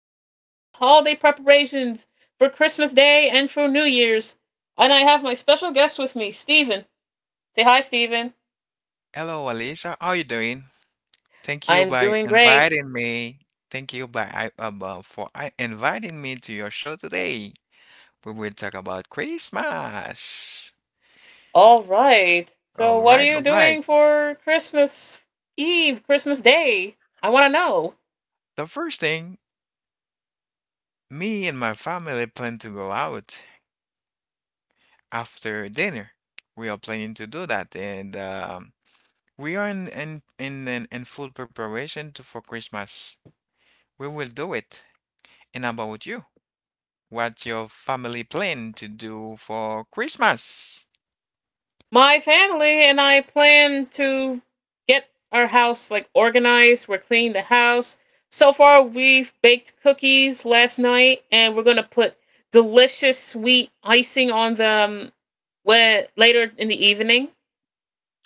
here to discuss holiday preparations for Christmas Day and for New Year's. And I have my special guest with me, Stephen. Say hi, Stephen. Hello, Alicia. How are you doing? Thank you I'm by doing great. inviting me. Thank you by I- for I- Inviting me to your show today. We will talk about Christmas. All right. So, All what are right, you all right. doing for Christmas Eve, Christmas Day? I want to know. The first thing, me and my family plan to go out after dinner. We are planning to do that, and we are in full preparation for Christmas. We will do it. And how about you? What's your family plan to do for Christmas? My family and I plan to get our house like organized. We're cleaning the house. So far, we've baked cookies last night, and we're gonna put delicious sweet icing on them later in the evening.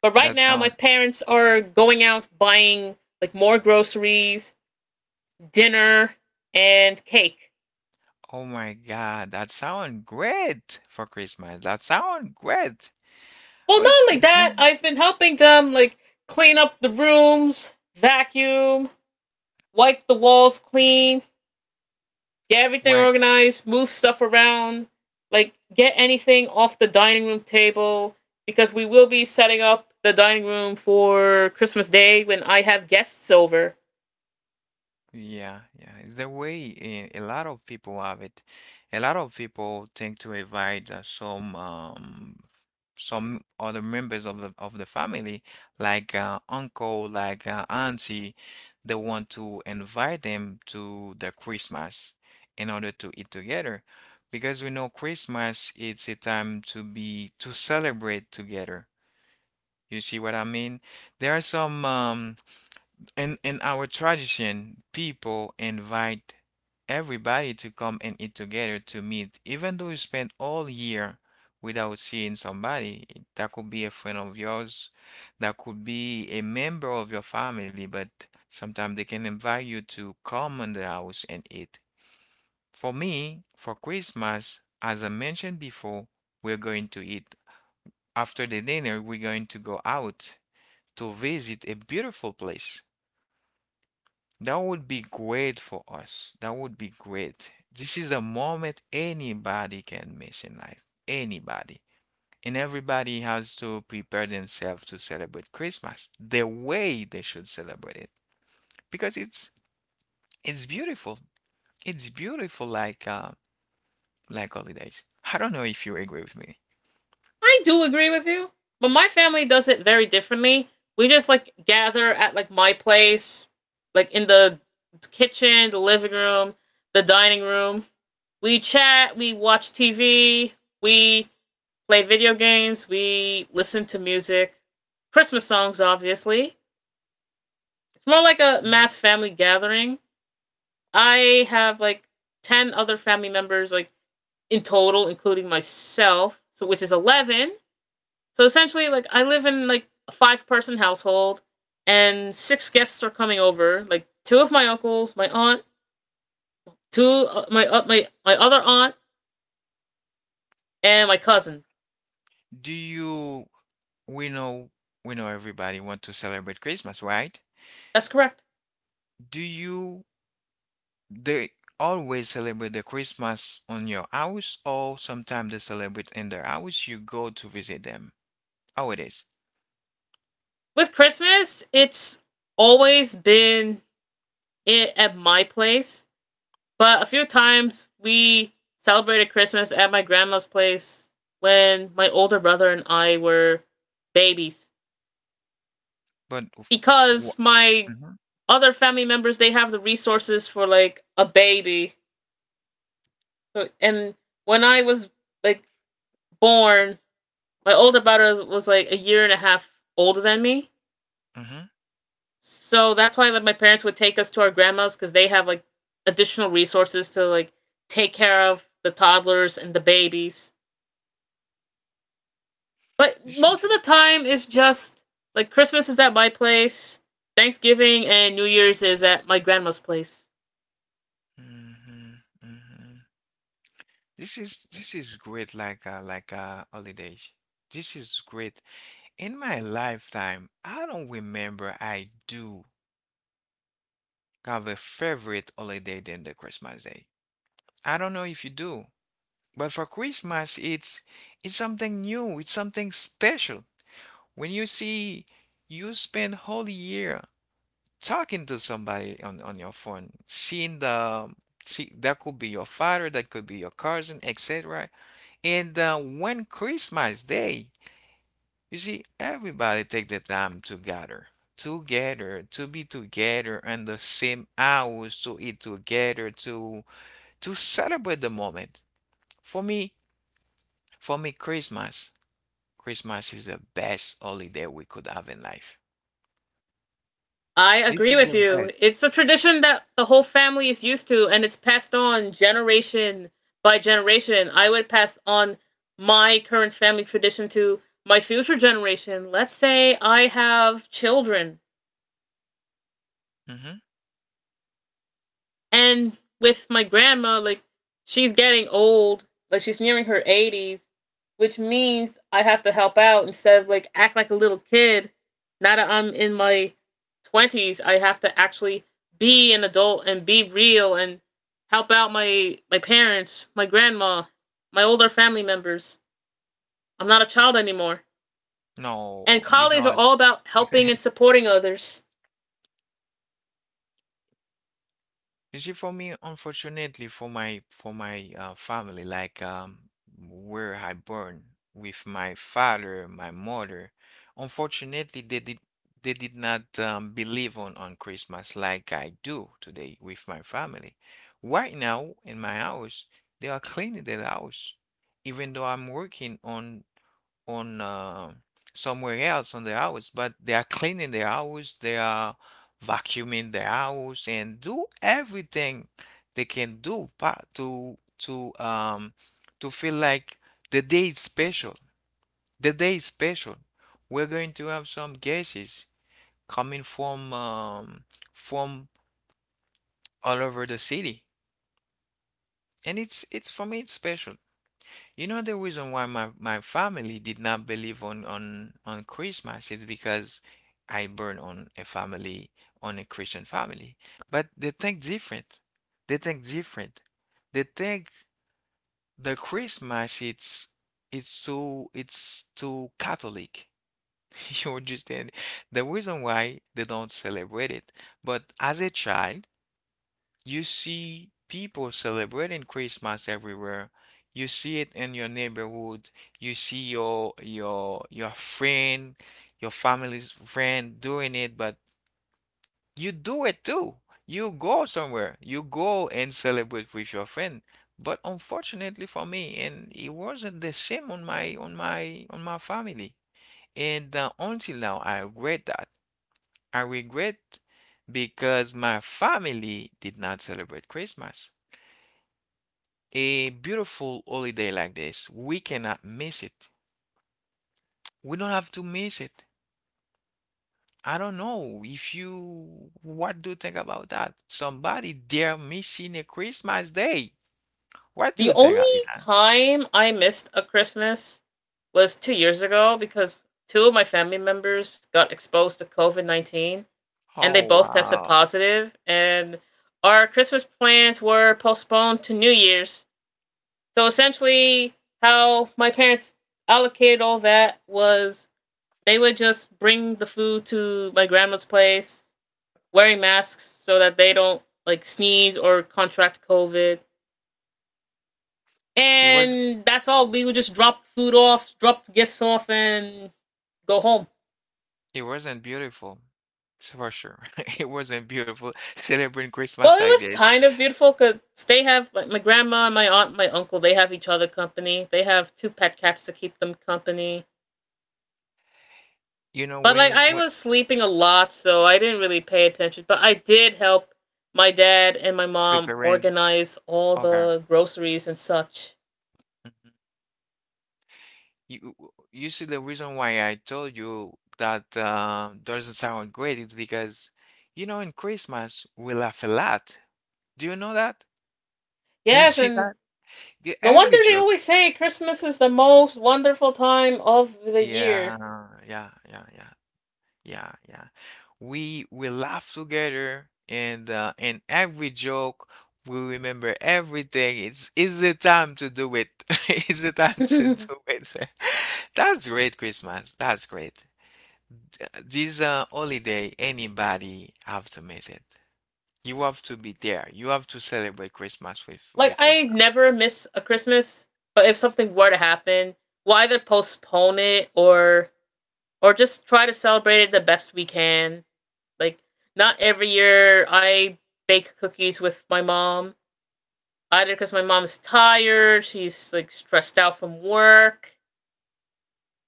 But right That now, my sound parents are going out buying like more groceries, dinner, and cake. Oh my god, that sound great for Christmas, that sound great. Well, Oh, not it's only yeah. that, I've been helping them like clean up the rooms, vacuum, wipe the walls clean, get everything Why? organized, move stuff around, like get anything off the dining room table because we will be setting up the dining room for Christmas Day when I have guests over. Yeah, yeah, it's the way a lot of people have it. A lot of people tend to invite some other members of the family, like uncle, like auntie. They want to invite them to the Christmas in order to eat together, because we know Christmas it's a time to be to celebrate together. You see what I mean? There are some. In our tradition, people invite everybody to come and eat together to meet. Even though you spend all year without seeing somebody, that could be a friend of yours, that could be a member of your family, but sometimes they can invite you to come in the house and eat. For me, for Christmas, as I mentioned before, we're going to eat. After the dinner, we're going to go out to visit a beautiful place. That would be great for us. That would be great. This is a moment anybody can miss in life. Anybody. And everybody has to prepare themselves to celebrate Christmas the way they should celebrate it. Because It's beautiful. It's beautiful like holidays. I don't know if you agree with me. I do agree with you, but my family does it very differently. We just like gather at like my place, like in the kitchen, the living room, the dining room, we chat, we watch TV, we play video games, we listen to music, Christmas songs, obviously. It's more like a mass family gathering. I have like 10 other family members, like in total, including myself, so which is 11. So essentially, like, I live in like a five-person household, and six guests are coming over like two of my uncles, my aunt, my other aunt, and my cousin. Do you we know we know everybody want to celebrate Christmas, right? That's correct. Do you They Always celebrate the Christmas on your house, or sometimes they celebrate in their house. You go to visit them. How it is? With Christmas, it's always been it at my place, but a few times we celebrated Christmas at my grandma's place when my older brother and I were babies But what? because my Mm-hmm. other family members they have the resources for like a baby. And when I was like born, my older brother was like a year and a half older than me. Mm-hmm. So that's why like my parents would take us to our grandma's because they have like additional resources to like take care of the toddlers and the babies. But This most is. of the time it's just like Christmas is at my place, Thanksgiving and New Year's is at my grandma's place. Mm-hmm. Mm-hmm. This is great like a holiday. This is great. In my lifetime, I don't remember I do have a favorite holiday than the Christmas Day. I don't know if you do, but for Christmas it's something new, it's something special. When you see you spend whole year talking to somebody on your phone, seeing the see that could be your father, that could be your cousin, etc. And one Christmas day, you see, everybody take the time to gather, together, to be together in the same hours, to eat together, to celebrate the moment. For me, for me, Christmas is the best holiday we could have in life. I This agree is with the you. best. It's a tradition that the whole family is used to, and it's passed on generation by generation. I would pass on my current family tradition to my future generation. Let's say I have children. Hmm. And with my grandma, like she's getting old, like she's nearing her 80s, which means I have to help out instead of like act like a little kid. Now that I'm in my 20s, I have to actually be an adult and be real and help out my parents, my grandma, my older family members. I'm not a child anymore. And No, you holidays are don't. all about helping and supporting others. You see, for me, unfortunately, for my family, like where I born with my father, my mother, unfortunately, they did not believe on Christmas like I do today with my family. Right now in my house, they are cleaning the house, even though I'm working on somewhere else on the house, but they are cleaning the house, they are vacuuming the house, and do everything they can do to to feel like the day is special. The day is special. We're going to have some guests coming from all over the city, and it's for me it's special. You know the reason why my family did not believe on Christmas is because I born on a family on a Christian family. But they think different. They think different. They think the Christmas it's too it's too Catholic. You understand? The reason why they don't celebrate it. But as a child you see people celebrating Christmas everywhere. You see it in your neighborhood. You see your friend, your family's friend doing it, but you do it too. You go somewhere. You go and celebrate with your friend. But unfortunately for me, and it wasn't the same on my family. And until now, I regret that. I regret because my family did not celebrate Christmas. A beautiful holiday like this, we cannot miss it. We don't have to miss it. I don't know if you, what do you think about that? Somebody there missing a Christmas day. What do The you think, only Alisa? time I missed a Christmas was 2 years ago because two of my family members got exposed to COVID 19 and they Oh, both tested wow. positive, and our Christmas plans were postponed to New Year's. So essentially, how my parents allocated all that was they would just bring the food to my grandma's place wearing masks so that they don't like sneeze or contract COVID. It was, And that's all. We would just drop food off, drop gifts off, and go home. it wasn't beautiful. It's for sure. It wasn't beautiful celebrating Well, Christmas it like was this. kind of beautiful because they have like, my grandma, my aunt, my uncle. They have each other company. They have two pet cats to keep them company. You know, But like I when was sleeping a lot, so I didn't really pay attention. But I did help my dad and my mom Preparing, organize all okay. the groceries and such. You, you see, the reason why I told you that doesn't sound great is because, in Christmas we laugh a lot. Do you know that? Do you Yes, see and that? The no every wonder they joke. always say Christmas is the most wonderful time of the Yeah, year. yeah, yeah, yeah, yeah, yeah. We laugh together, and every joke we remember everything. It's the time to do it. It's the time to do it. That's great, Christmas. That's great. This holiday, anybody have to miss it. You have to be there. You have to celebrate Christmas with Like your I never miss a Christmas, but if something were to happen, we'll either postpone it or just try to celebrate it the best we can. Like not every year I bake cookies with my mom, either because my mom's tired, she's like stressed out from work.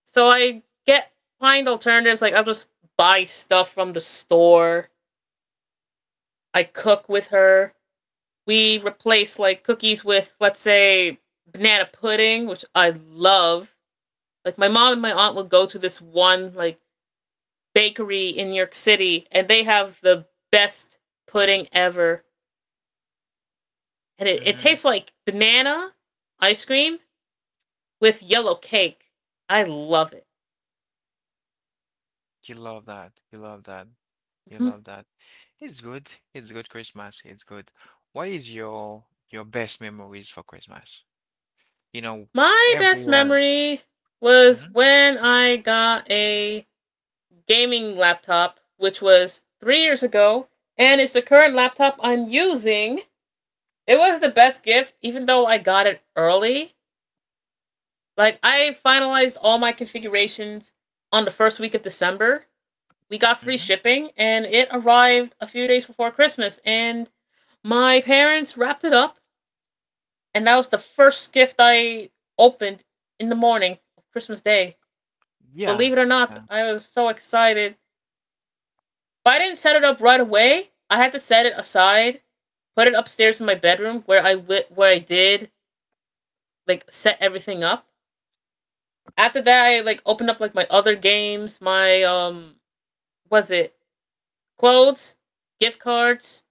So I get find alternatives. Like I'll just buy stuff from the store. I cook with her. We replace like cookies with let's say banana pudding, which I love. Like my mom and my aunt would go to this one like bakery in New York City, and they have the best pudding ever, and family. it Hmm. tastes like banana ice cream with yellow cake. I love it. You love that. You love that. You Mhm. love that. It's good. It's good Christmas. It's good. What is your best memories for Christmas? You know, My every best year. memory was Hmm. when I got a gaming laptop, which was 3 years ago, and it's the current laptop I'm using. It was the best gift, even though I got it early. Like I finalized all my configurations on the first week of December. We got free Hmm. shipping and it arrived a few days before Christmas and my parents wrapped it up and that was the first gift I opened in the morning of Christmas Day. Yeah. Believe it or not, Yeah. I was so excited. But I didn't set it up right away. I had to set it aside, put it upstairs in my bedroom where I did like set everything up. After that I like opened up like my other games, my was it clothes, gift cards,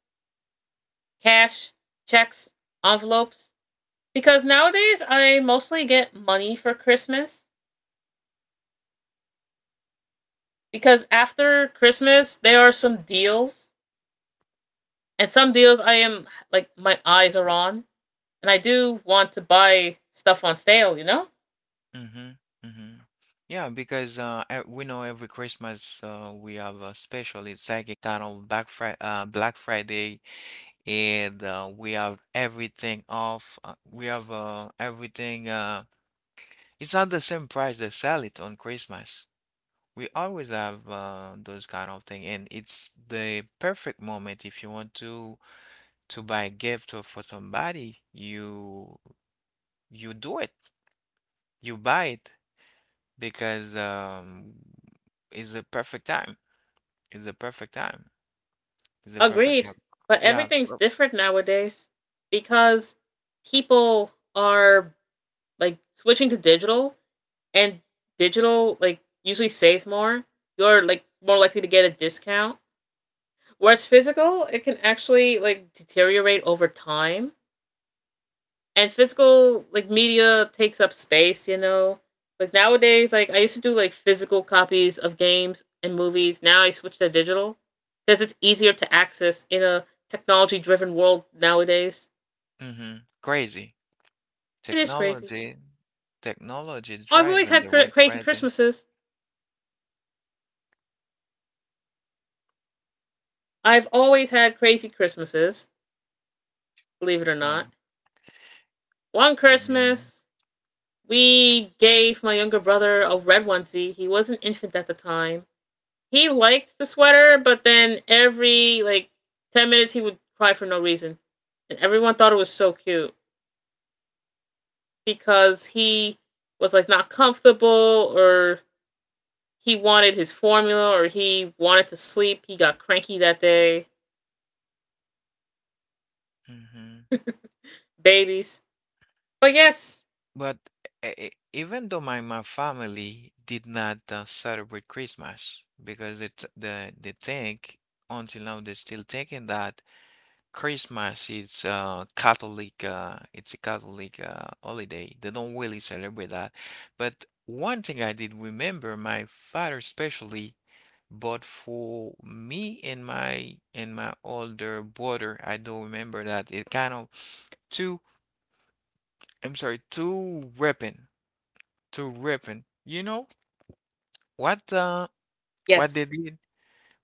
cash, checks, envelopes. Because nowadays I mostly get money for Christmas. Because after Christmas there are some deals. And some deals I am like my eyes are on. And I do want to buy stuff on sale, you know? Hmm. Hmm. Yeah, because we know every Christmas we have a special. It's like a kind of Black Friday, Black Friday and we have everything off. We have everything. It's not the same price they sell it on Christmas. We always have those kind of thing, and it's the perfect moment if you want to buy a gift or for somebody. You do it. You buy it because it's the perfect time. It's the perfect time. It's the perfect Agreed. time. But Yeah. everything's different nowadays because people are like switching to digital and digital like usually saves more. You're like more likely to get a discount. Whereas physical, it can actually like deteriorate over time. And physical like media takes up space, you know. Like nowadays, like I used to do like physical copies of games and movies. Now I switch to digital because it's easier to access in a technology driven world nowadays. Mm-hmm. Crazy. It is crazy. Technology technology I've always driving had the cr- word crazy credit. Christmases. I've always had crazy Christmases, believe it or Oh, not. One my God. Christmas, we gave my younger brother a red onesie. He was an infant at the time. He liked the sweater, but then every like 10 minutes he would cry for no reason. And everyone thought it was so cute because he was like not comfortable or he wanted his formula or he wanted to sleep. He got cranky that day. Mhm. Babies. But yes, But e e even though my family did not celebrate Christmas because it's the they think until now they're still thinking that Christmas is Catholic it's a Catholic holiday. They don't really celebrate that. But one thing I did remember, my father especially bought for me and my older brother. I do not remember that it kind of two two weapon, two weapon. You know what uh what yes. they did?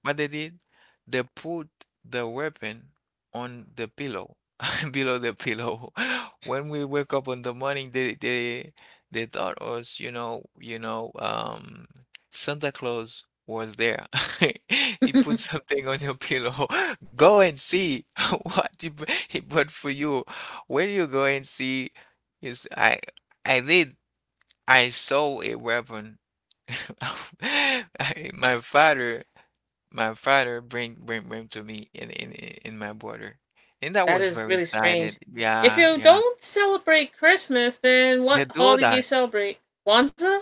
What they did? They put the weapon on the pillow, below the pillow. When we wake up in the morning, they thought us, Santa Claus was there. He put something on your pillow. Go and see what he brought for you. When you go and see, is I did I saw a weapon. I- My father my father bring to me in in my border, and I That was is very really excited. strange. If Yeah, you yeah. don't celebrate Christmas, then They what do holiday do you that. celebrate? Kwanzaa?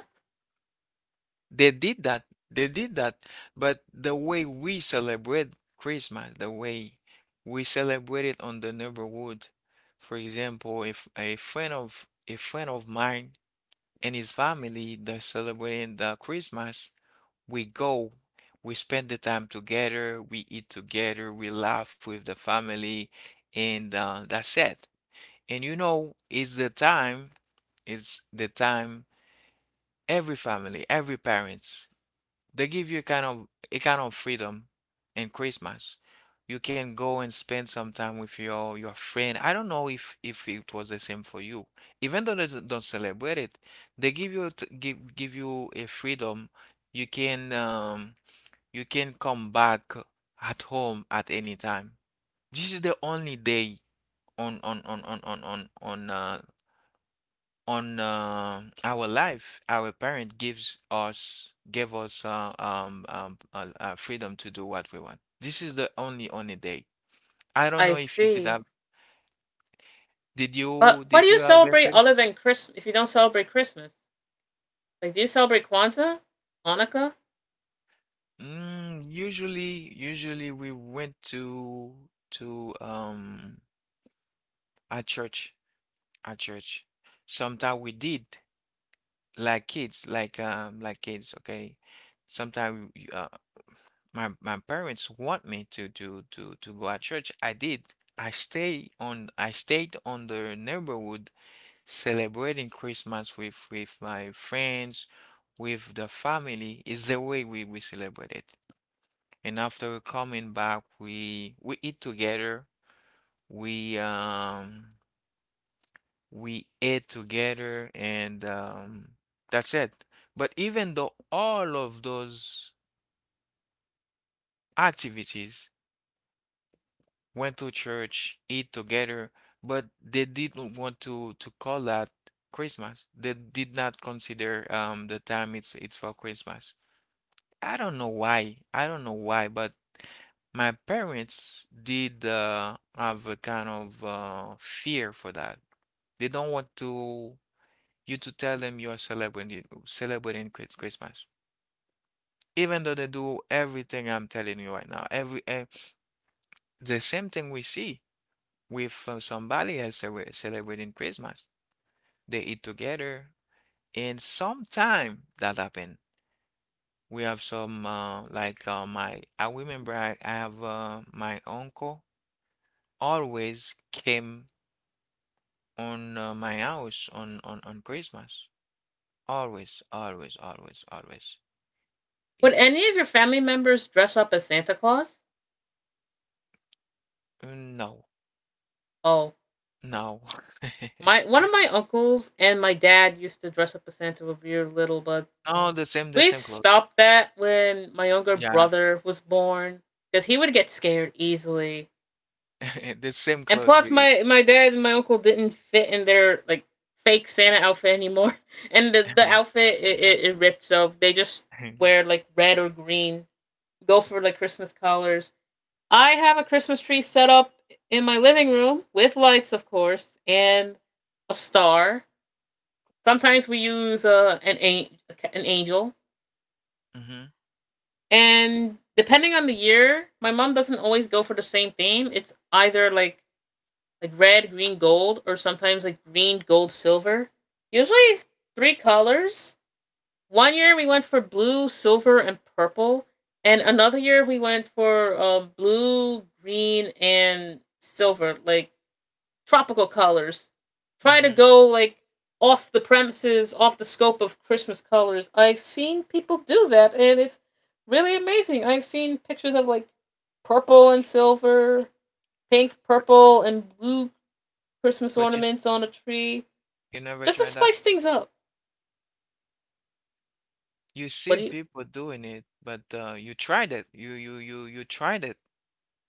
They did that. They did that. But the way we celebrate Christmas, the way we celebrate it on the neighborhood, for example, if a friend of mine and his family they're celebrating the Christmas we go, we spend the time together, we eat together, we laugh with the family, and that's it. And you know, it's the time every family, every parents, they give you a kind of freedom in Christmas. You can go and spend some time with your friend. I don't know if it was the same for you. Even though they don't celebrate it, they give you give you a freedom. You can um you can come back at home at any time. This is the only day on on on on on on on uh, on our life. Our parent gives us gave us freedom to do what we want. This is the only day. I don't I know if you did see. have But what did do you you have a celebrate friend? other than Christmas if you don't celebrate Christmas? Like, do you celebrate Kwanzaa? Hanukkah? Mm, usually we went to a church a church. Sometimes we did. Like kids, like kids. Okay, sometimes my my parents want me to go at church. I did. I stayed on the neighborhood celebrating Christmas with my friends, with the family. Is the way we celebrate it. And after coming back, we eat together. We um. We ate together and that's it. But even though all of those activities went to church, eat together, but they didn't want to call that Christmas. They did not consider the time it's for Christmas. I don't know why. I don't know why, but my parents did have a kind of fear for that. They don't want to you to tell them you are celebrating Christmas. Even though they do everything I'm telling you right now, the same thing we see with somebody else celebrating Christmas. They eat together, and sometime that happen. We have some like my I remember I have my uncle always came on my house on on Christmas. Always, always, always, always. Would He, any of your family members dress up as Santa Claus? no. Oh, No. my one of my uncles and my dad used to dress up as Santa when we were little, but No, the same the we same clothes. stopped that when my younger Yeah. brother was born because he would get scared easily. The same And clothes plus, we my dad and my uncle didn't fit in their like fake Santa outfit anymore, and the outfit it ripped. So they just Mhm, wear like red or green. Go for like Christmas colors. I have a Christmas tree set up in my living room with lights, of course, and a star. Sometimes we use an an angel, and depending on the year, my mom doesn't always go for the same theme. It's either like red, green, gold, or sometimes like green, gold, silver. Usually three colors. One year we went for blue, silver, and purple, and another year we went for blue, green, and silver, like tropical colors. Try to mhm. go like off the premises, off the scope of Christmas colors. I've seen people do that, and it's really amazing. I've seen pictures of like purple and silver, pink, purple, and blue, Christmas But you ornaments on a tree, you never just to tried that? spice things up. You What see do you? people doing it, but you tried it. You tried it.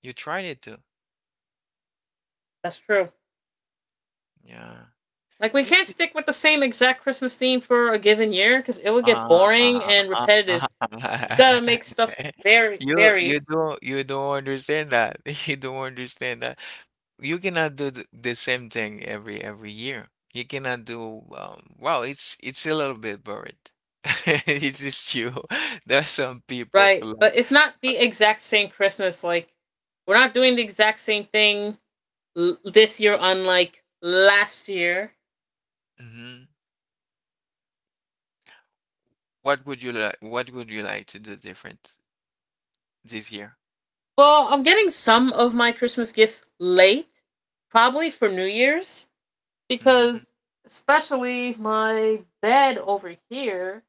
You tried it too. That's true. Yeah. Like we This can't is stick with the same exact Christmas theme for a given year because it would get ah boring and ah ah. repetitive. You gotta make stuff vary You varies, don't understand that. You don't understand that. You cannot do the same thing every year. You cannot do well, it's a little bit boring. It is true. There are some people for right? like. But it's not the exact same Christmas. Like we're not doing the exact same thing this year, unlike last year. Hmm. What would you like? What would you like to do different this year? Well, I'm getting some of my Christmas gifts late, probably for New Year's Mm-hmm. because especially my bed over here,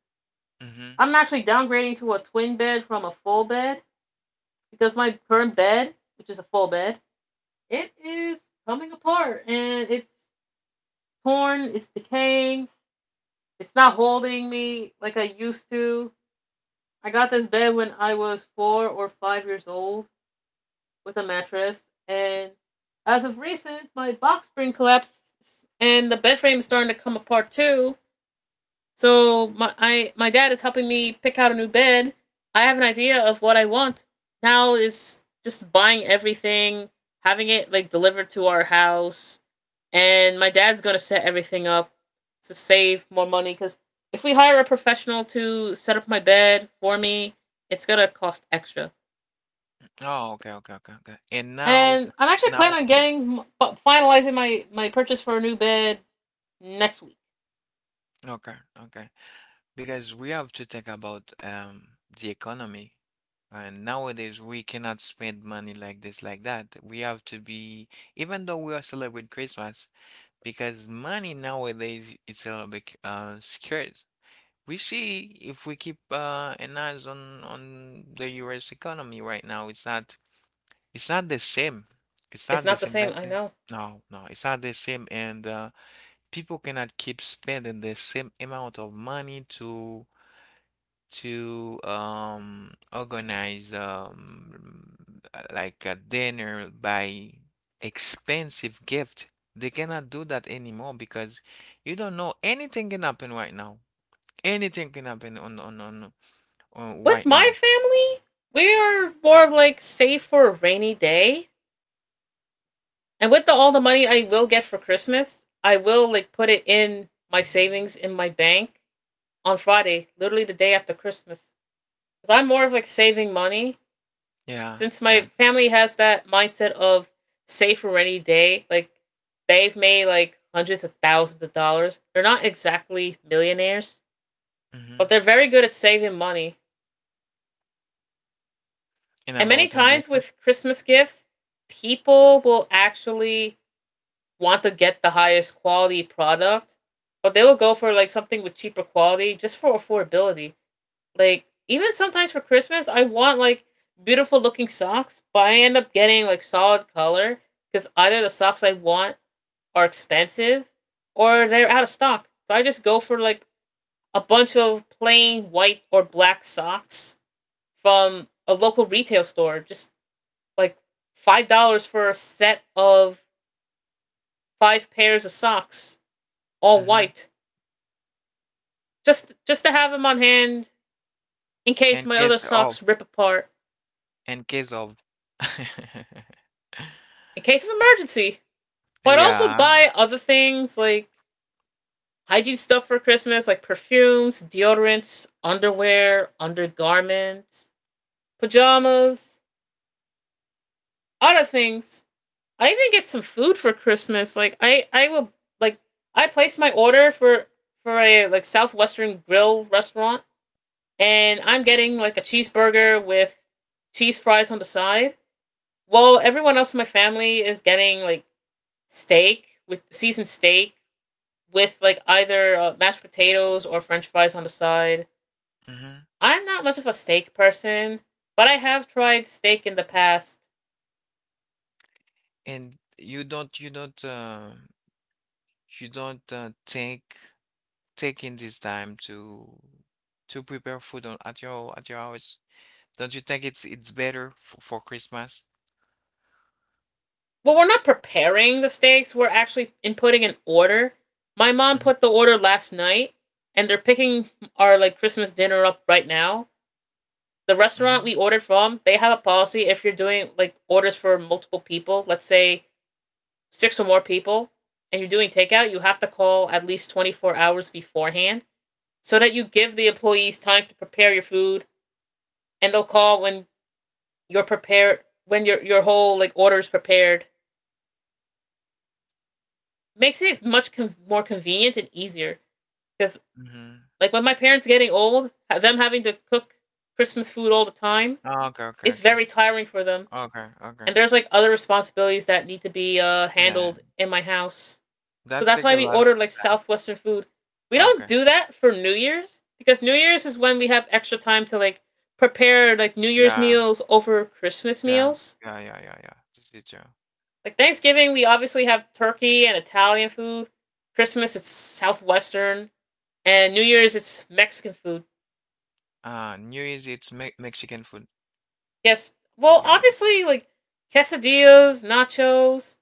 Mm-hmm. I'm actually downgrading to a twin bed from a full bed because my current bed, which is a full bed, it is coming apart and it's torn, it's decaying, it's not holding me like I used to. I got this bed when I was 4 or 5 years old with a mattress, and as of recent, my box spring collapsed and the bed frame is starting to come apart too. So my dad is helping me pick out a new bed. I have an idea of what I want. Now is just buying everything, having it like delivered to our house, and my dad's gonna set everything up to save more money because if we hire a professional to set up my bed for me, it's gonna cost extra. Oh, okay, okay, okay, okay. And now, And I'm actually now, planning on okay, getting finalizing my purchase for a new bed next week. okay, okay. Because we have to think about the economy. And nowadays, we cannot spend money like this, like that. We have to be, even though we are celebrating Christmas, because money nowadays it's a little bit scarce. We see if we keep an eyes on the U.S. economy right now, it's not the same. It's It's not the not the same. same, That's I it. know. No, no, it's not the same. And people cannot keep spending the same amount of money to organize like a dinner by expensive gift. They cannot do that anymore because you don't know anything can happen right now. Anything can happen on With right my now. family, we are more of like save for a rainy day. And with all the money I will get for Christmas, I will like put it in my savings in my bank on Friday, literally the day after Christmas. Because I'm more of like saving money. Yeah, Since yeah. my family has that mindset of save for a rainy day, like they've made like hundreds of thousands of dollars. They're not exactly millionaires, but Mm-hmm. they're very good at saving money. And And many about times investment. with Christmas gifts, people will actually want to get the highest quality product, but they will go for like something with cheaper quality just for affordability. Like even sometimes for Christmas, I want like beautiful looking socks, but I end up getting like solid color because either the socks I want are expensive or they're out of stock. So I just go for like a bunch of plain white or black socks from a local retail store just like $5 for a set of five pairs of socks, all Mm-hmm. white, just to have them on hand in case In my case other of, socks rip apart, in case of. in case of emergency. But I'd also Yeah. buy other things like hygiene stuff for Christmas, like perfumes, deodorants, underwear, undergarments, pajamas, other things. I even get some food for Christmas. Like I will like I placed my order for a like southwestern grill restaurant and I'm getting like a cheeseburger with cheese fries on the side. While everyone else in my family is getting like steak with seasoned steak with like either mashed potatoes or french fries on the side. Mm-hmm. I'm not much of a steak person, but I have tried steak in the past. And you don't think taking this time to prepare food on, at your house. Don't you think it's better f for Christmas? Well, we're not preparing the steaks, we're actually inputting an order. My mom Mm-hmm. put the order last night and they're picking our like Christmas dinner up right now. The restaurant Mm-hmm. we ordered from, they have a policy if you're doing like orders for multiple people, let's say six or more people, and you're doing takeout, you have to call at least 24 hours beforehand so that you give the employees time to prepare your food and they'll call when you're prepared, when your whole like order is prepared. Makes it much more convenient and easier because Mm-hmm. like when my parents getting old, them having to cook Christmas food all the time, Oh, okay, okay, it's okay. very tiring for them. Okay, okay. And there's like other responsibilities that need to be Yeah. handled in my house. So That's that's like why a we lot of order like southwestern food. We don't okay. do that for New Year's because New Year's is when we have extra time to like prepare like New Year's Yeah, meals over Christmas yeah, meals. yeah, yeah, yeah, yeah. This is true. Like Thanksgiving, we obviously have turkey and Italian food. Christmas, it's southwestern, and New Year's, it's Mexican food. New Year's it's me Mexican food. Yes, well, Yeah, yeah. obviously like quesadillas, nachos.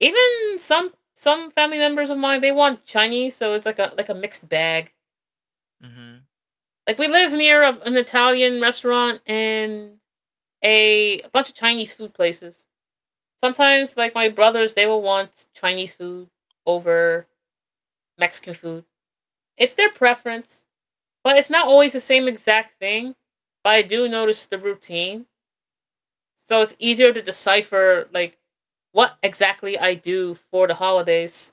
Even some family members of mine they want Chinese, so it's like a mixed bag. Mm-hmm. Like we live near an Italian restaurant and a bunch of Chinese food places. Sometimes like my brothers they will want Chinese food over Mexican food. It's their preference, but it's not always the same exact thing. But I do notice the routine, so it's easier to decipher like what exactly I do for the holidays.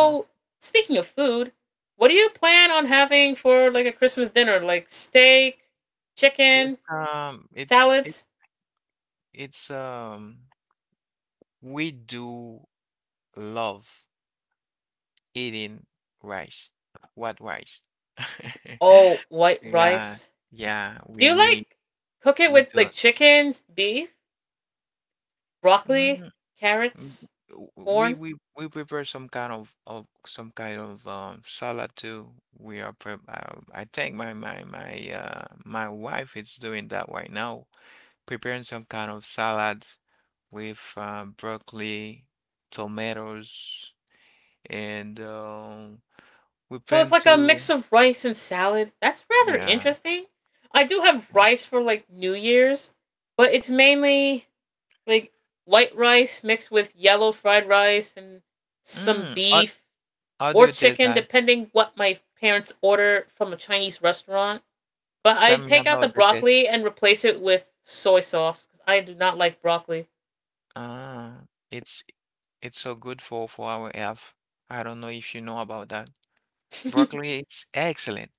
Okay. speaking of food, what do you plan on having for like a Christmas dinner? Like steak, chicken, It's it's it, salads? it's we do love. Eating rice. What rice? Oh, white Yeah, rice. yeah, Do we you we like cook it we with do. like chicken, beef, broccoli, Mm, mm. carrots, We corn? we prepare some kind of some kind of salad too. We are prep. I think my wife is doing that right now, preparing some kind of salad with broccoli, tomatoes, and we So it's plan like a mix to of rice and salad. That's rather yeah. interesting. I do have rice for like New Year's, but it's mainly like white rice mixed with yellow fried rice and some Mm, o-. beef How do or you taste chicken, that? depending what my parents order from a Chinese restaurant. But I Tell me take out the about the taste. broccoli and replace it with soy sauce because I do not like broccoli. Ah, it's it's so good for our health. I don't know if you know about that. Broccoli, it's excellent.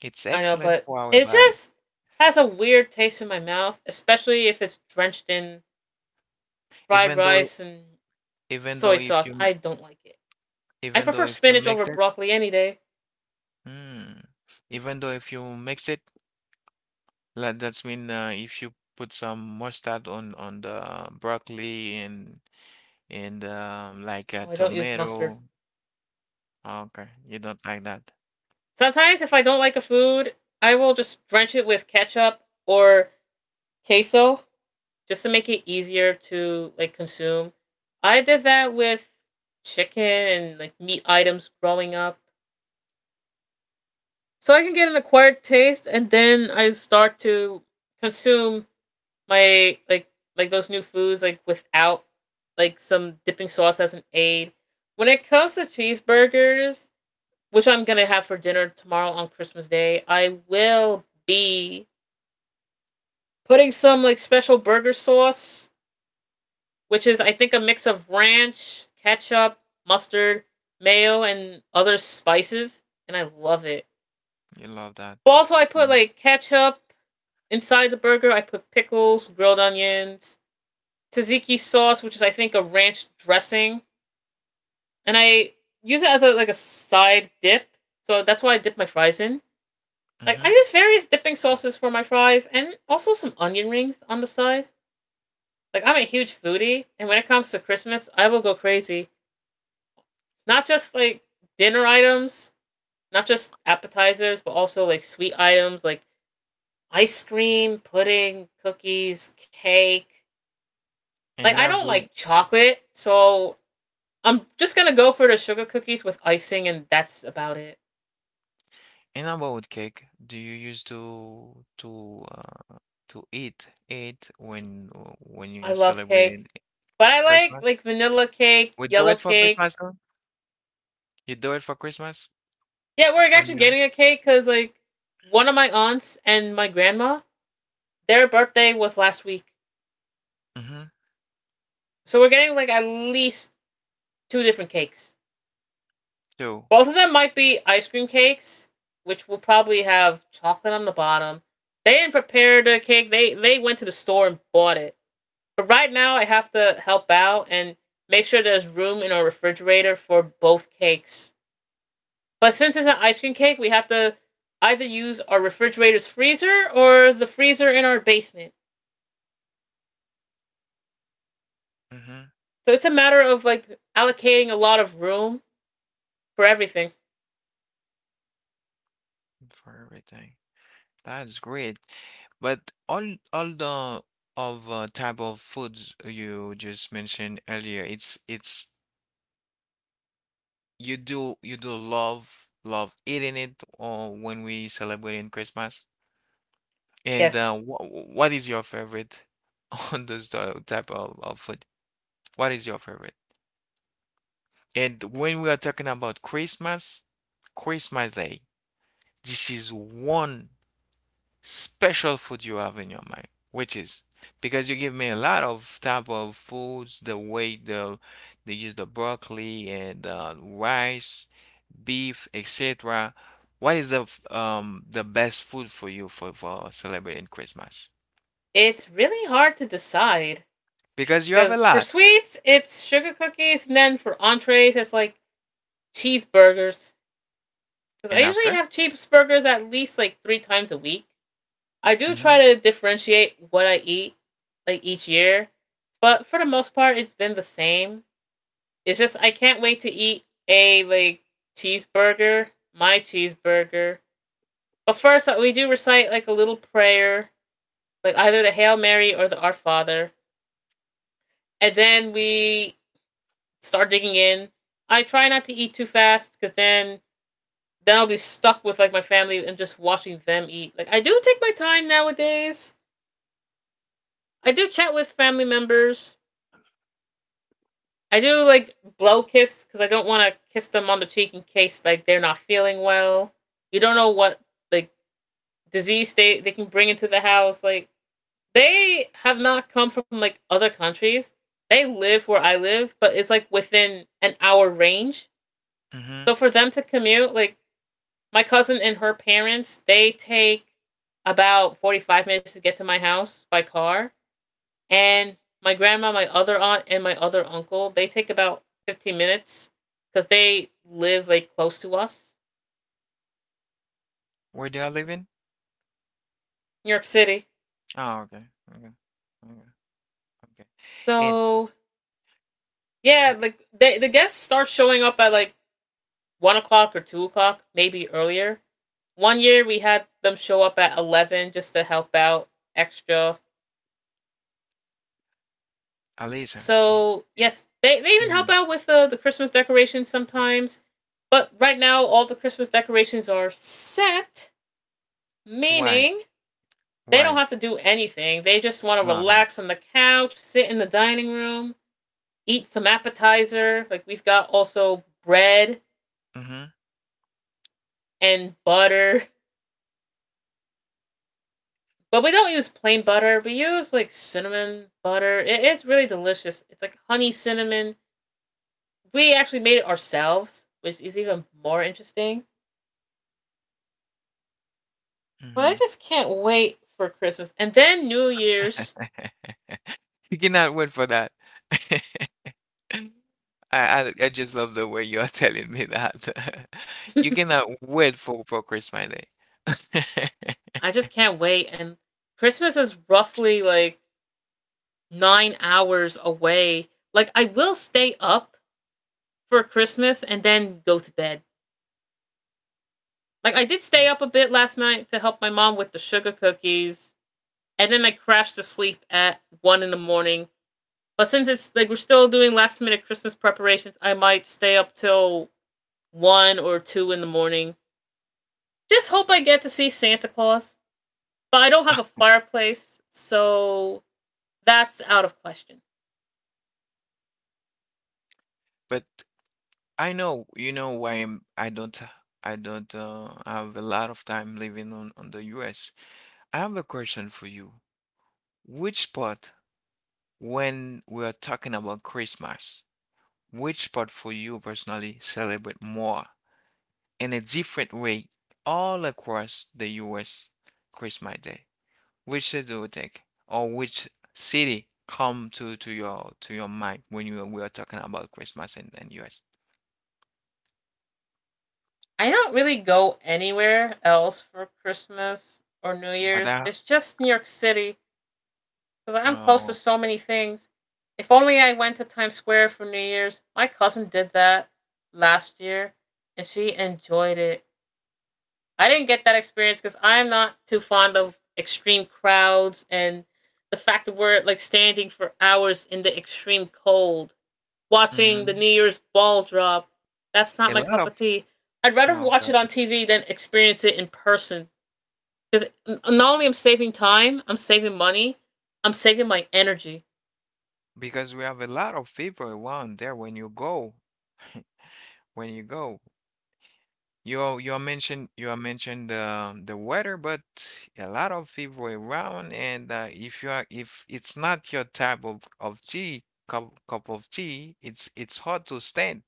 It's I know, excellent but for our it body. just has a weird taste in my mouth, especially if it's drenched in fried Even though rice and even though soy if sauce. you mi- I don't like it. I even though prefer if you spinach mix over it, broccoli any day. mm, even though if you mix it, like that's mean if you put some mustard on the broccoli and like a Oh, I don't use tomato. mustard. Okay, you don't like that. Sometimes, if I don't like a food, I will just drench it with ketchup or queso just to make it easier to like consume. I did that with chicken and like meat items growing up. So I can get an acquired taste and then I start to consume my like those new foods like without like some dipping sauce as an aid. When it comes to cheeseburgers, which I'm gonna have for dinner tomorrow on Christmas Day, I will be putting some like special burger sauce which is I think a mix of ranch, ketchup, mustard, mayo, and other spices, and I love it. You love that. But also, I put like ketchup inside the burger. I put pickles, grilled onions, tzatziki sauce, which is I think a ranch dressing, and I use it as like a side dip. So that's why I dip my fries in. Like Mm-hmm. I use various dipping sauces for my fries, and also some onion rings on the side. Like I'm a huge foodie, and when it comes to Christmas, I will go crazy. Not just like dinner items, not just appetizers, but also like sweet items like ice cream, pudding, cookies, cake. Like And I don't every like chocolate, so I'm just gonna go for the sugar cookies with icing, and that's about it. and about cake, do you used to to eat it when you're I love celebrating cake, but I like Christmas? like vanilla cake, We do yellow it for cake. Christmas though? You do it for Christmas Yeah, we're when actually you're getting a cake because like one of my aunts and my grandma, their birthday was last week, mm-hmm, so we're getting like at least two different cakes. too. Both of them might be ice cream cakes, which will probably have chocolate on the bottom. They didn't prepare the cake. They went to the store and bought it. But right now, I have to help out and make sure there's room in our refrigerator for both cakes. But since it's an ice cream cake, we have to either use our refrigerator's freezer or the freezer in our basement. Mm-hmm, So it's a matter of like allocating a lot of room for everything. for everything. That's great. But all the of type of foods you just mentioned earlier, it's you do love love eating it or when we celebrating Christmas? And Yes, wh what is your favorite on this type of food? What is your favorite? And when we are talking about Christmas, Christmas Day, this is one special food you have in your mind, which is because you give me a lot of type of foods, the way the they use the broccoli and rice, beef, etc. What is the the best food for you for celebrating Christmas? it's really hard to decide. Because you have a Because for lot. sweets, it's sugar cookies, and then for entrees, it's like cheeseburgers. Because I And usually after? have cheeseburgers at least like three times a week. I do try Mhm, to differentiate what I eat like each year, but for the most part, it's been the same. It's just I can't wait to eat a like cheeseburger, my cheeseburger. But first, we do recite like a little prayer, like either the Hail Mary or the Our Father, and then we start digging in. I try not to eat too fast because then I'll be stuck with like my family and just watching them eat. Like I do take my time nowadays. I do chat with family members. I do like blow kiss because I don't want to kiss them on the cheek in case like they're not feeling well. You don't know what like disease they can bring into the house. Like they have not come from like other countries. They live where I live, but it's like within an hour range. So mhm. for them to commute, like my cousin and her parents, they take about 45 minutes to get to my house by car. And my grandma, my other aunt, and my other uncle, they take about 15 minutes because they live like close to us, Where they are living? New York City. Oh, okay. Okay. Okay. Okay. And So yeah, w like the guests start showing up at like 1 o'clock or 2 o'clock, maybe earlier. One year we had them show up at 11 just to help out extra. Alisa, y So yes, they even help mhm. out with the Christmas decorations sometimes. But right now, all the Christmas decorations are set, Why? meaning they don't Why? have to do anything. They just want to Oh, okay. relax on the couch, sit in the dining room, eat some appetizer. Like we've got also bread Mhm, and butter, but we don't use plain butter. We use like cinnamon butter. It's really delicious. It's like honey cinnamon. We actually made it ourselves, which is even more interesting. But I mhm. just can't wait for Christmas. And then New Year's. You cannot wait for that. I I just love the way you are telling me that. You cannot wait for Christmas Day. I just can't wait. And Christmas is roughly like 9 hours away. Like, I will stay up for Christmas and then go to bed. Like, I did stay Mm. up a bit last night to help my mom with the sugar cookies. And then I crashed to sleep at 1 in the morning. But since it's like we're still doing last minute Christmas preparations, I might stay up till one or two in the morning. Just hope I get to see Santa Claus. But I don't have a fireplace, so that's out of question. But I know, you know why I'm, I don't have a lot of time living on the US. I have a question for you. Which part, when we are talking about Christmas, which part for you personally celebrate more? In a different way all across the US Christmas Day. Which city do you think, or which city come to your mind when you we are talking about Christmas in US? I don't really go anywhere else for Christmas or New But Year's. that, It's just New York City because I'm close to oh, so many things. If only I went to Times Square for New Year's. My cousin did that last year and she enjoyed it. I didn't get that experience because I'm not too fond of extreme crowds and the fact that we're like standing for hours in the extreme cold watching the mhm. New Year's ball drop. That's not A my lot cup of, of tea. I'd rather oh watch God, it on TV than experience it in person. Because not only I'm saving time, I'm saving money, I'm saving my energy. because we have a lot of people around there when you go, when you go. You mentioned you mentioned the weather, but a lot of people around, and if you are if it's not your type of tea cup, cup of tea, it's hard to stand.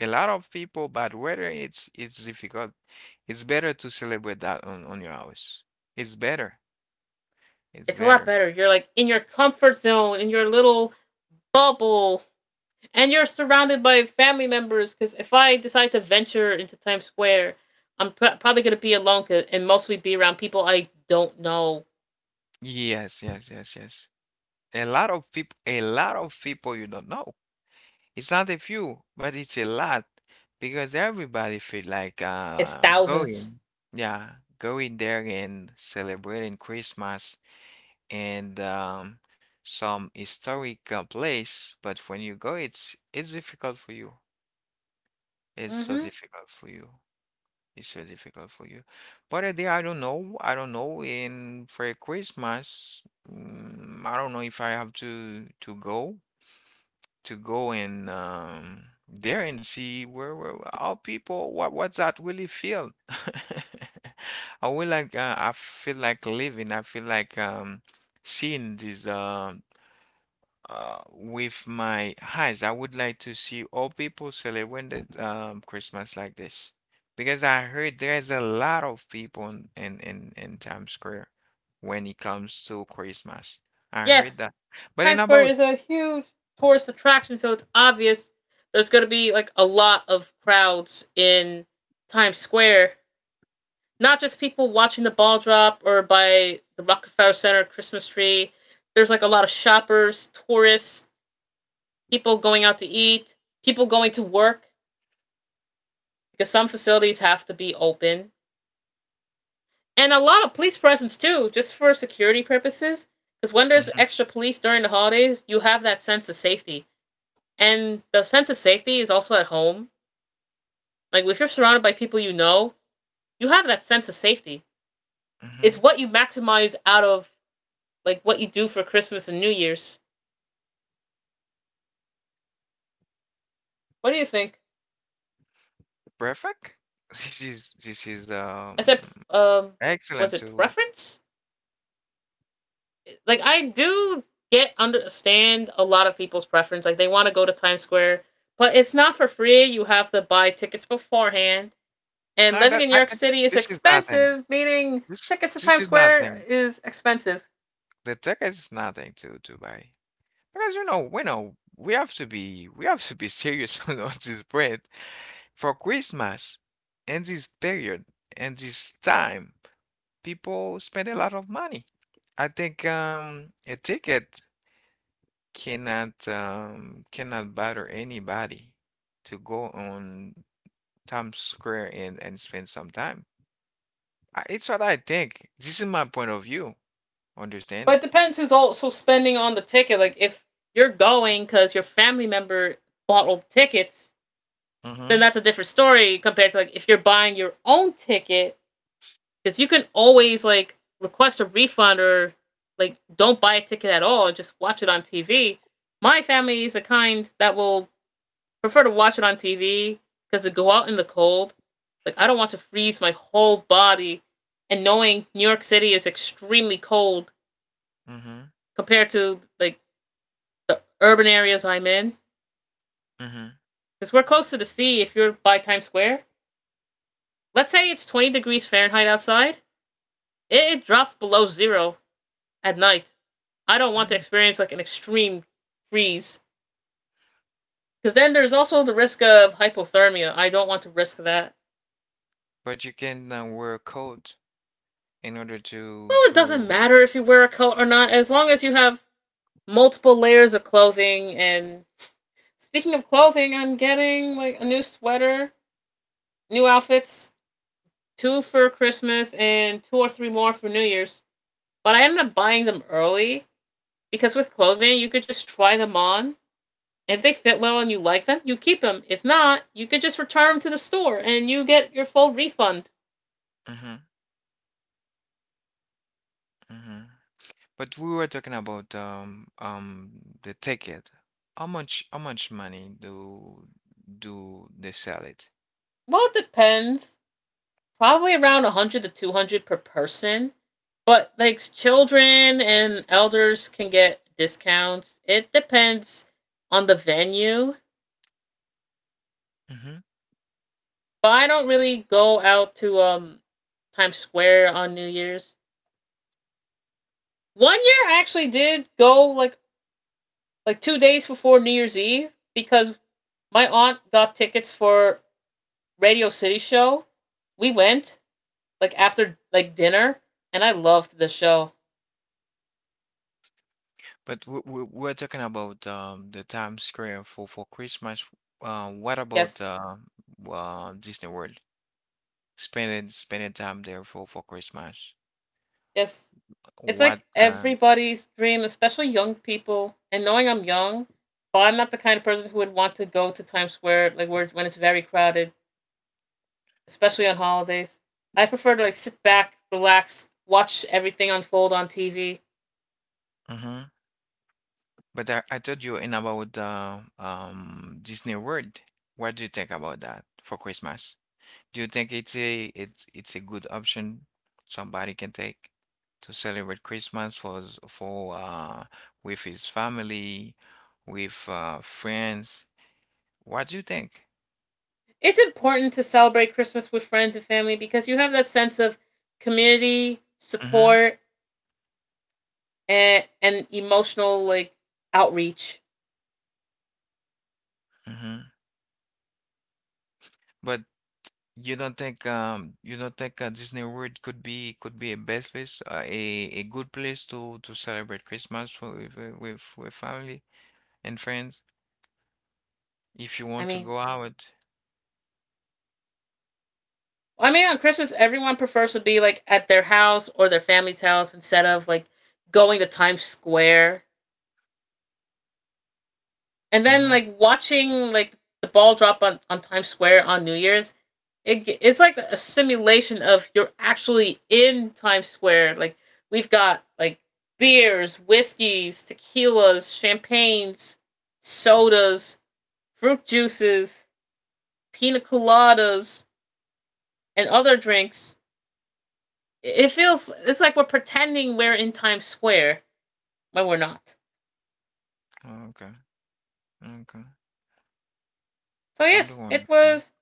A lot of people, bad weather, it's difficult. It's better to celebrate that on your house. It's better. It's It's a lot better. better. You're like in your comfort zone, in your little bubble, and you're surrounded by family members. Because if I decide to venture into Times Square, I'm probably going to be alone and mostly be around people I don't know. Yes, yes, yes, yes. A lot of people, a lot of people you don't know. It's not a few, but it's a lot because everybody feel like It's thousands. going. Yeah, going there and celebrating Christmas and some historic place. But when you go, it's difficult for you. It's so Mm-hmm. difficult for you. It's so difficult for you. But a day, I don't know. I don't know. In for Christmas, mm, I don't know if I have to go and there and see where how people what what's that really feel. I will like I feel like living. I feel like seeing this with my eyes. I would like to see all people celebrating Christmas like this because I heard there's a lot of people in Times Square when it comes to Christmas. I heard Yes, that, but in Times Square about. is a huge tourist attraction, so it's obvious there's going to be like a lot of crowds in Times Square. Not just people watching the ball drop or by the Rockefeller Center Christmas tree. There's like a lot of shoppers, tourists, people going out to eat, people going to work because some facilities have to be open. And a lot of police presence too, just for security purposes. Because when there's Mhm, extra police during the holidays, you have that sense of safety. And the sense of safety is also at home. Like if you're surrounded by people you know, you have that sense of safety. It's mhm. what you maximize out of like what you do for Christmas and New Year's. What do you think? Perfect? This is I said, was excellent it to preference? Like I do get understand a lot of people's preference. Like they want to go to Times Square, but it's not for free. You have to buy tickets beforehand. And no living that, in New I York think City is this is nothing. expensive, meaning This tickets to this Times is Square nothing. is expensive. The tech is nothing to to buy. Because you know we have to be we have to be serious on this bread for Christmas and this period and this time people spend a lot of money. I think a ticket cannot cannot bother anybody to go on Times Square and spend some time. I, it's what I think. This is my point of view. But Understand? it depends who's also spending on the ticket. Like if you're going because your family member bought tickets, then Mm-hmm. that's a different story compared to like if you're buying your own ticket because you can always like request a refund or like don't buy a ticket at all. Just watch it on TV. My family is the kind that will prefer to watch it on TV because to go out in the cold, like I don't want to freeze my whole body. And knowing New York City is extremely cold Mm-hmm. compared to like the urban areas I'm in, Mm-hmm. because we're close to the sea if you're by Times Square. Let's say it's 20 degrees Fahrenheit outside, it drops below zero at night. I don't want to Mm. experience like an extreme freeze, because then there's also the risk of hypothermia. I don't want to risk that. But you can wear a coat in order to Well, it doesn't to. matter if you wear a coat or not, as long as you have multiple layers of clothing. And speaking of clothing, I'm getting like a new sweater, new outfits, two for Christmas, and two or three more for New Year's. But I ended up buying them early because with clothing, you could just try them on. If they fit well and you like them, you keep them. If not, you could just return them to the store and you get your full refund. Mm-hmm. Mm-hmm. But we were talking about the ticket. How much money do do they sell it? Well, it depends. Probably around 100 to 200 per person. But like children and elders can get discounts. It depends on the venue. Mm-hmm. But I don't really go out to Times Square on New Year's. One year I actually did go like 2 days before New Year's Eve because my aunt got tickets for Radio City show. We went like after like dinner, and I loved the show. But we we're talking about the Times Square for Christmas. What about Yes, Disney World? Spending spending time there for Christmas. yes, it's What? like everybody's dream, especially young people. And knowing I'm young, but I'm not the kind of person who would want to go to Times Square like where when it's very crowded, especially on holidays. I prefer to like sit back, relax, watch everything unfold on TV. Mhm. But I told you in about Disney World. What do you think about that for Christmas? Do you think it's a it's it's a good option somebody can take to celebrate Christmas for with his family, with friends? What do you think? It's important to celebrate Christmas with friends and family because you have that sense of community, Mm-hmm. support, and emotional like outreach. Mm-hmm. But you don't think Disney World could be a best place a good place to celebrate Christmas for with family and friends if you I want to mean, go out. I mean on Christmas everyone prefers to be like at their house or their family's house instead of like going to Times Square. And then Mm-hmm. like watching like the ball drop on Times Square on New Year's. It's like a simulation of you're actually in Times Square. Like we've got like beers, whiskeys, tequilas, champagnes, sodas, fruit juices, pina coladas, and other drinks. It feels it's like we're pretending we're in Times Square when we're not. Okay. Okay. So I yes, do it understand. was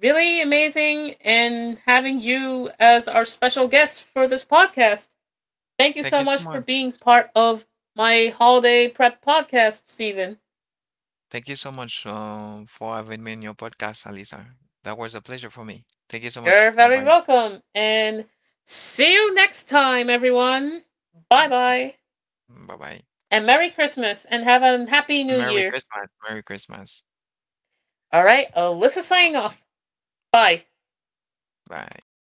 really amazing and having you as our special guest for this podcast. Thank you so Thank you so much for much. being part of my holiday prep podcast, Stephen. Thank you so much for having me in your podcast, Alisa. That was a pleasure for me. Thank you so much. You're Bye very bye. welcome. And see you next time, everyone. Bye bye. Bye bye. And Merry Christmas and have a happy new Merry year. Christmas. Merry Christmas. All right, Alyssa signing All right. off. Bye. Bye.